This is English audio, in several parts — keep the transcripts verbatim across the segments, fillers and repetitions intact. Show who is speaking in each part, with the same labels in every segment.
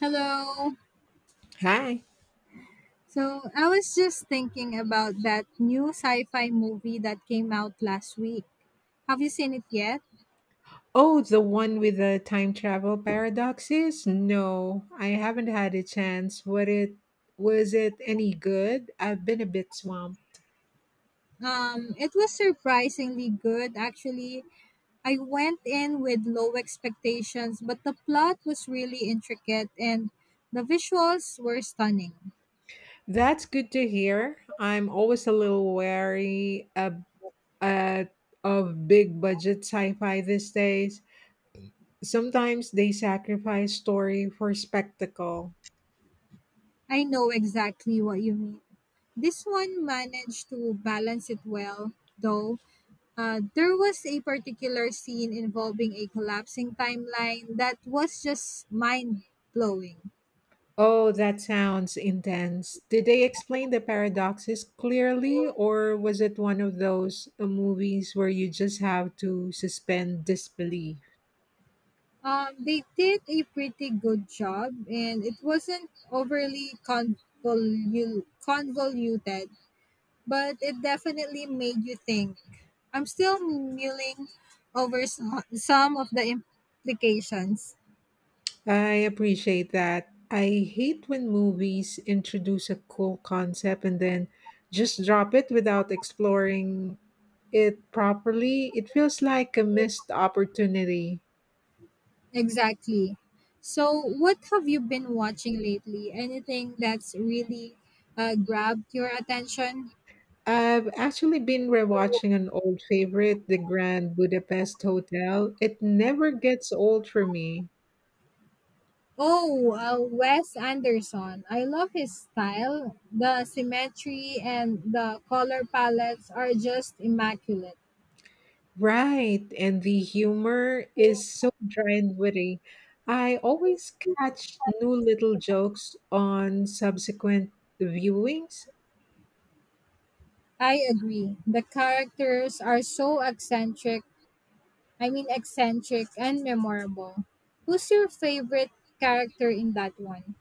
Speaker 1: Hello.
Speaker 2: Hi.
Speaker 1: So I was just thinking about that new sci-fi movie that came out last week. Have you seen it yet?
Speaker 2: Oh, the one with the time travel paradoxes? No, I haven't had a chance. What it was it any good? I've been a bit swamped.
Speaker 1: Um, it was surprisingly good, actually. I went in with low expectations, but the plot was really intricate and the visuals were stunning.
Speaker 2: That's good to hear. I'm always a little wary of, uh, of big budget sci-fi these days. Sometimes they sacrifice story for spectacle.
Speaker 1: I know exactly what you mean. This one managed to balance it well, though. Uh, there was a particular scene involving a collapsing timeline that was just mind blowing.
Speaker 2: Oh, that sounds intense. Did they explain the paradoxes clearly, or was it one of those uh, movies where you just have to suspend disbelief?
Speaker 1: Um, they did a pretty good job, and it wasn't overly convolu- convoluted, but it definitely made you think. I'm still mulling over so- some of the implications.
Speaker 2: I appreciate that. I hate when movies introduce a cool concept and then just drop it without exploring it properly. It feels like a missed opportunity.
Speaker 1: Exactly. So, what have you been watching lately? Anything that's really uh, grabbed your attention?
Speaker 2: I've actually been rewatching an old favorite, The Grand Budapest Hotel. It never gets old for me.
Speaker 1: Oh, uh, Wes Anderson. I love his style. The symmetry and the color palettes are just immaculate.
Speaker 2: Right, and the humor is so dry and witty. I always catch new little jokes on subsequent viewings.
Speaker 1: I agree. The characters are so eccentric. I mean, eccentric and memorable. Who's your favorite character in that one?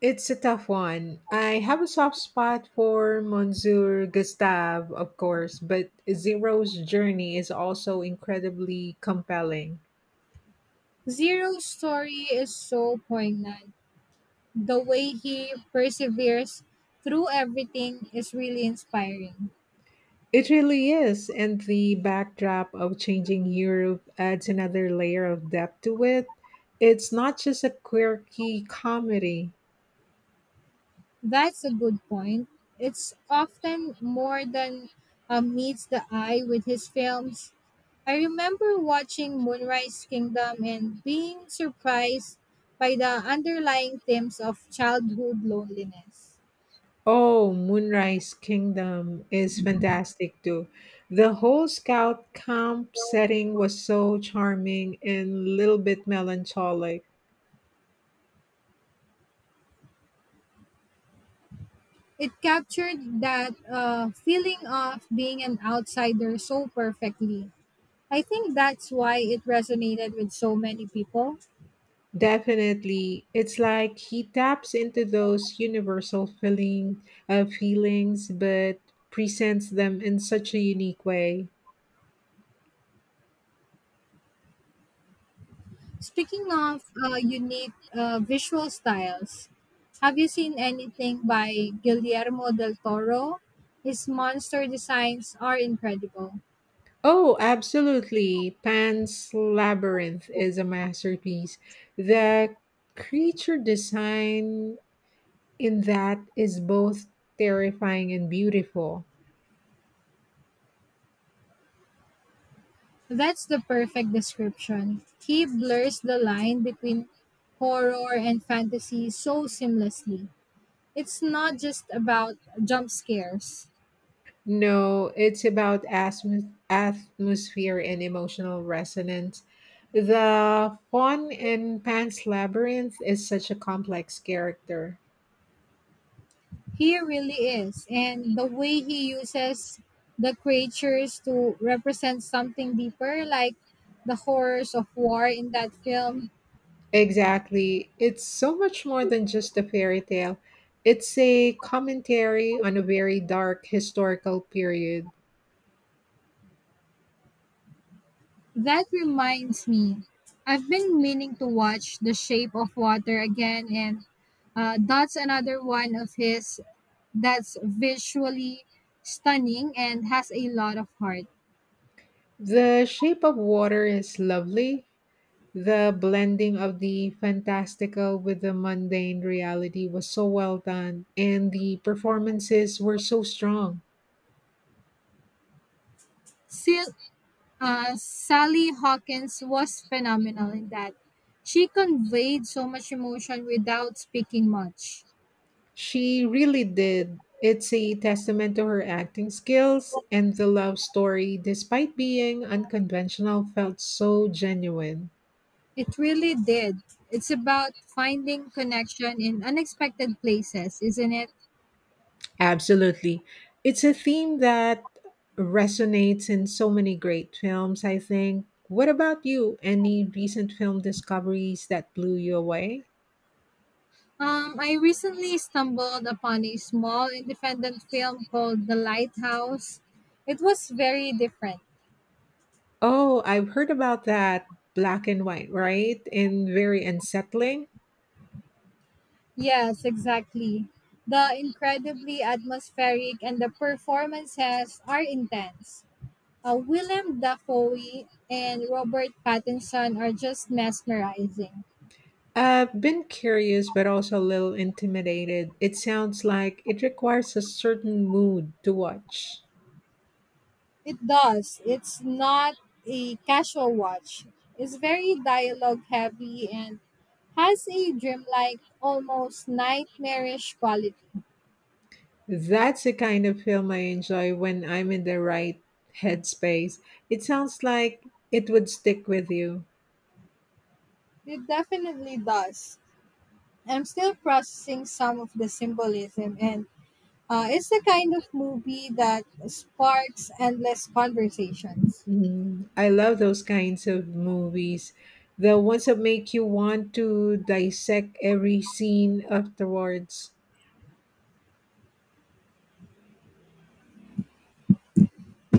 Speaker 2: It's a tough one. I have a soft spot for Monsieur Gustave, of course, but Zero's journey is also incredibly compelling.
Speaker 1: Zero's story is so poignant, the way he perseveres through everything is really inspiring.
Speaker 2: It really is, and the backdrop of changing Europe adds another layer of depth to it. It's not just a quirky comedy.
Speaker 1: That's a good point. It's often more than uh, meets the eye with his films. I remember watching Moonrise Kingdom and being surprised by the underlying themes of childhood loneliness.
Speaker 2: Oh, Moonrise Kingdom is fantastic too. The whole scout camp setting was so charming and a little bit melancholic.
Speaker 1: It captured that uh, feeling of being an outsider so perfectly. I think that's why it resonated with so many people.
Speaker 2: Definitely, it's like he taps into those universal feeling, uh, feelings, but presents them in such a unique way.
Speaker 1: Speaking of uh, unique uh, visual styles, have you seen anything by Guillermo del Toro? His monster designs are incredible.
Speaker 2: Oh, absolutely. Pan's Labyrinth is a masterpiece. The creature design in that is both terrifying and beautiful.
Speaker 1: That's the perfect description. He blurs the line between horror and fantasy so seamlessly. It's not just about jump scares.
Speaker 2: No, it's about atmos- atmosphere and emotional resonance. The fawn in Pan's Labyrinth is such a complex character.
Speaker 1: He really is. And the way he uses the creatures to represent something deeper, like the horrors of war in that film,
Speaker 2: Exactly. It's so much more than just a fairy tale. It's a commentary on a very dark historical period.
Speaker 1: that reminds me. I've been meaning to watch The Shape of Water again, and uh, that's another one of his that's visually stunning and has a lot of heart.
Speaker 2: The Shape of Water is lovely. The blending of the fantastical with the mundane reality was so well done, and the performances were so strong.
Speaker 1: Still, uh, Sally Hawkins was phenomenal in that. She conveyed so much emotion without speaking much.
Speaker 2: She really did. It's a testament to her acting skills, and the love story, despite being unconventional, felt so genuine.
Speaker 1: It really did. It's about finding connection in unexpected places, isn't it?
Speaker 2: Absolutely. It's a theme that resonates in so many great films, I think. What about you? Any recent film discoveries that blew you away?
Speaker 1: Um, I recently stumbled upon a small independent film called The Lighthouse. It was very different.
Speaker 2: Oh, I've heard about that. Black and white, right? And very unsettling.
Speaker 1: Yes, exactly. The incredibly atmospheric and the performances are intense. Uh, Willem Dafoe and Robert Pattinson are just mesmerizing.
Speaker 2: I've been curious, but also a little intimidated. It sounds like it requires a certain mood to watch.
Speaker 1: It does. It's not a casual watch. It's very dialogue heavy and has a dreamlike, almost nightmarish quality.
Speaker 2: That's the kind of film I enjoy when I'm in the right headspace. It sounds like it would stick with you.
Speaker 1: It definitely does. I'm still processing some of the symbolism, and uh, it's the kind of movie that sparks endless conversations.
Speaker 2: Mm, I love those kinds of movies. The ones that make you want to dissect every scene afterwards.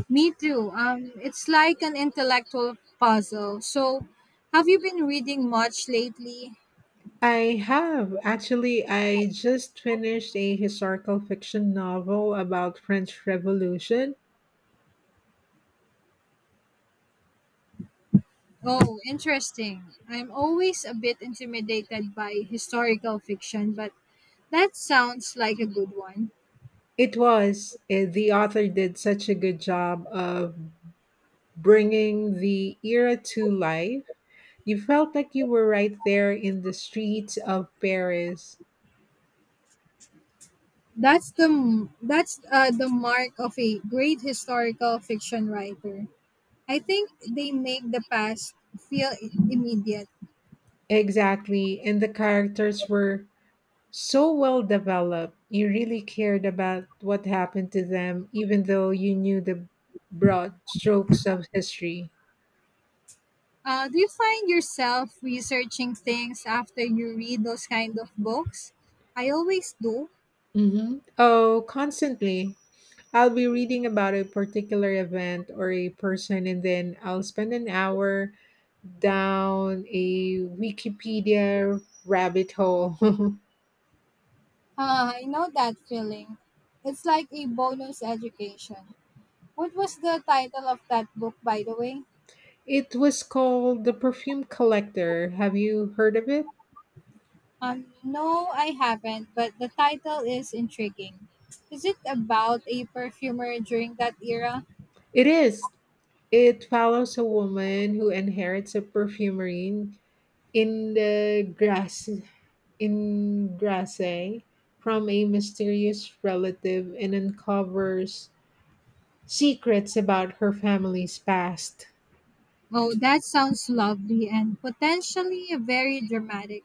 Speaker 1: Me too. Um, it's like an intellectual puzzle. So, have you been reading much lately?
Speaker 2: I have. Actually, I just finished a historical fiction novel about French Revolution.
Speaker 1: Oh, interesting. I'm always a bit intimidated by historical fiction, but that sounds like a good one.
Speaker 2: It was. eh, The author did such a good job of bringing the era to life. You felt like you were right there in the streets of Paris.
Speaker 1: That's the m- that's uh, the mark of a great historical fiction writer. I think they make the past feel i- immediate.
Speaker 2: Exactly. And the characters were so well developed. You really cared about what happened to them, even though you knew the broad strokes of history.
Speaker 1: Uh, do you find yourself researching things after you read those kind of books? I always do.
Speaker 2: hmm Oh, constantly. I'll be reading about a particular event or a person, and then I'll spend an hour down a Wikipedia rabbit hole.
Speaker 1: Ah, I know that feeling. It's like a bonus education. What was the title of that book, by the way?
Speaker 2: It was called The Perfume Collector. Have you heard of it?
Speaker 1: Um, no, I haven't, but the title is intriguing. Is it about a perfumer during that era?
Speaker 2: It is. It follows a woman who inherits a perfumery in the grass in Grasse from a mysterious relative and uncovers secrets about her family's past.
Speaker 1: Oh, that sounds lovely and potentially very dramatic.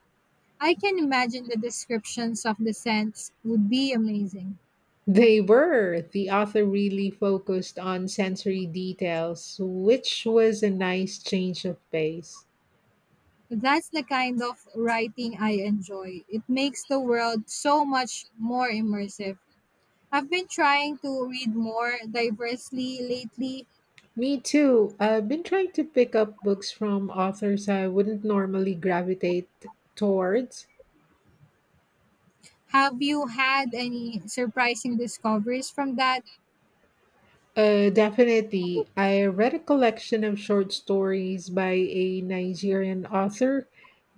Speaker 1: I can imagine the descriptions of the scents would be amazing.
Speaker 2: They were. The author really focused on sensory details, which was a nice change of pace.
Speaker 1: That's the kind of writing I enjoy. It makes the world so much more immersive. I've been trying to read more diversely lately.
Speaker 2: Me too. I've been trying to pick up books from authors I wouldn't normally gravitate towards.
Speaker 1: Have you had any surprising discoveries from that?
Speaker 2: Uh, definitely. I read a collection of short stories by a Nigerian author,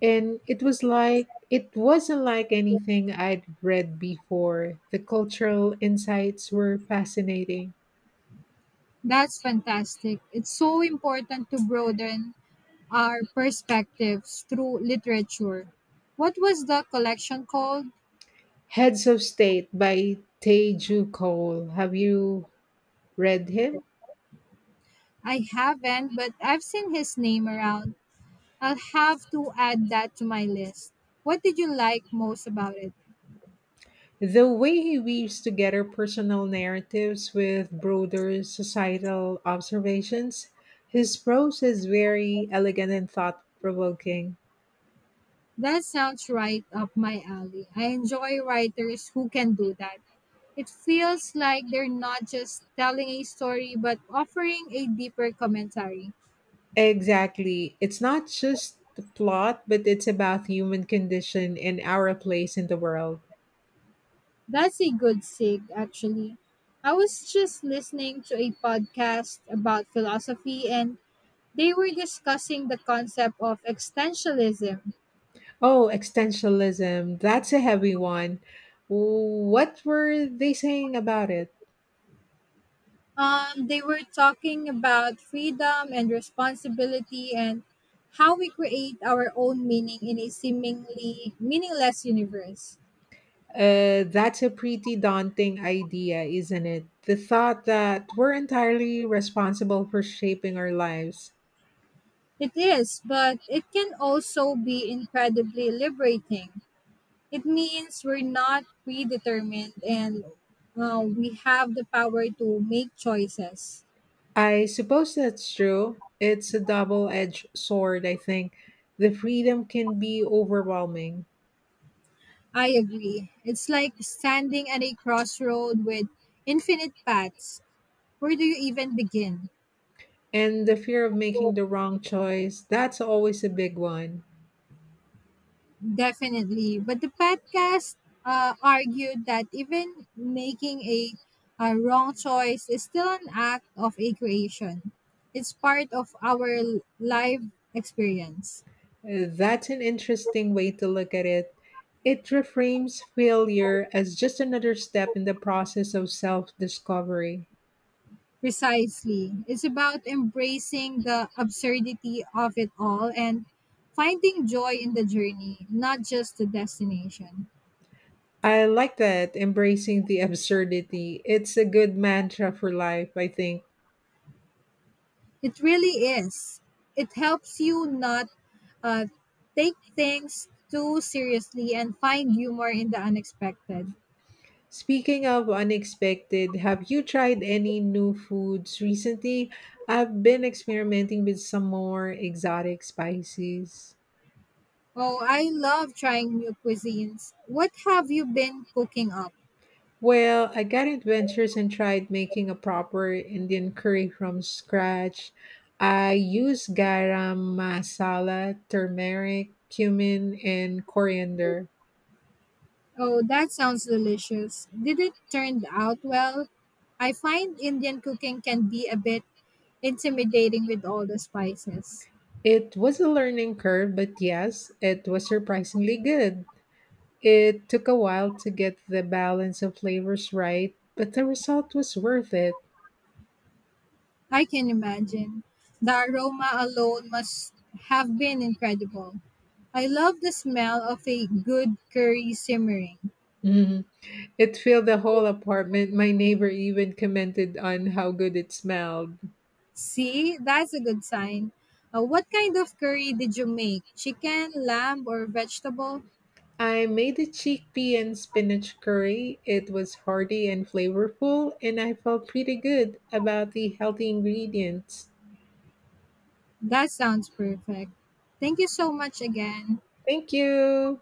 Speaker 2: and it was like it wasn't like anything I'd read before. The cultural insights were fascinating.
Speaker 1: That's fantastic. It's so important to broaden our perspectives through literature. What was the collection called?
Speaker 2: Heads of State by Teju Cole. Have you read him?
Speaker 1: I haven't, but I've seen his name around. I'll have to add that to my list. What did you like most about it?
Speaker 2: The way he weaves together personal narratives with broader societal observations, his prose is very elegant and thought provoking.
Speaker 1: That sounds right up my alley. I enjoy writers who can do that. It feels like they're not just telling a story but offering a deeper commentary.
Speaker 2: Exactly. It's not just the plot, but it's about human condition and our place in the world.
Speaker 1: That's a good sig, actually. I was just listening to a podcast about philosophy and they were discussing the concept of existentialism.
Speaker 2: Oh, existentialism. That's a heavy one. What were they saying about it?
Speaker 1: Um, they were talking about freedom and responsibility and how we create our own meaning in a seemingly meaningless universe.
Speaker 2: Uh, that's a pretty daunting idea, isn't it? The thought that we're entirely responsible for shaping our lives.
Speaker 1: It is, but it can also be incredibly liberating. It means we're not predetermined and uh, we have the power to make choices.
Speaker 2: I suppose that's true. It's a double edged sword, I think. The freedom can be overwhelming.
Speaker 1: I agree. It's like standing at a crossroad with infinite paths. Where do you even begin?
Speaker 2: And the fear of making the wrong choice, that's always a big one.
Speaker 1: Definitely. But the podcast uh, argued that even making a, a wrong choice is still an act of a creation. It's part of our l- live experience.
Speaker 2: Uh, That's an interesting way to look at it. It reframes failure as just another step in the process of self discovery.
Speaker 1: Precisely. It's about embracing the absurdity of it all and finding joy in the journey, not just the destination.
Speaker 2: I like that, embracing the absurdity. It's a good mantra for life, I think.
Speaker 1: It really is. It helps you not uh, take things too seriously and find humor in the unexpected.
Speaker 2: Speaking of unexpected, have you tried any new foods recently? I've been experimenting with some more exotic spices.
Speaker 1: Oh, I love trying new cuisines. What have you been cooking up?
Speaker 2: Well, I got adventures and tried making a proper Indian curry from scratch. I use garam masala, turmeric, cumin, and coriander.
Speaker 1: Oh, that sounds delicious. Did it turn out well? I find Indian cooking can be a bit intimidating with all the spices.
Speaker 2: It was a learning curve, but yes, it was surprisingly good. It took a while to get the balance of flavors right, but the result was worth it.
Speaker 1: I can imagine. The aroma alone must have been incredible. I love the smell of a good curry simmering.
Speaker 2: Mhm. It filled the whole apartment. My neighbor even commented on how good it smelled.
Speaker 1: See, that's a good sign. Uh, what kind of curry did you make? Chicken, lamb, or vegetable?
Speaker 2: I made a chickpea and spinach curry. It was hearty and flavorful, and I felt pretty good about the healthy ingredients.
Speaker 1: That sounds perfect. Thank you so much again.
Speaker 2: Thank you.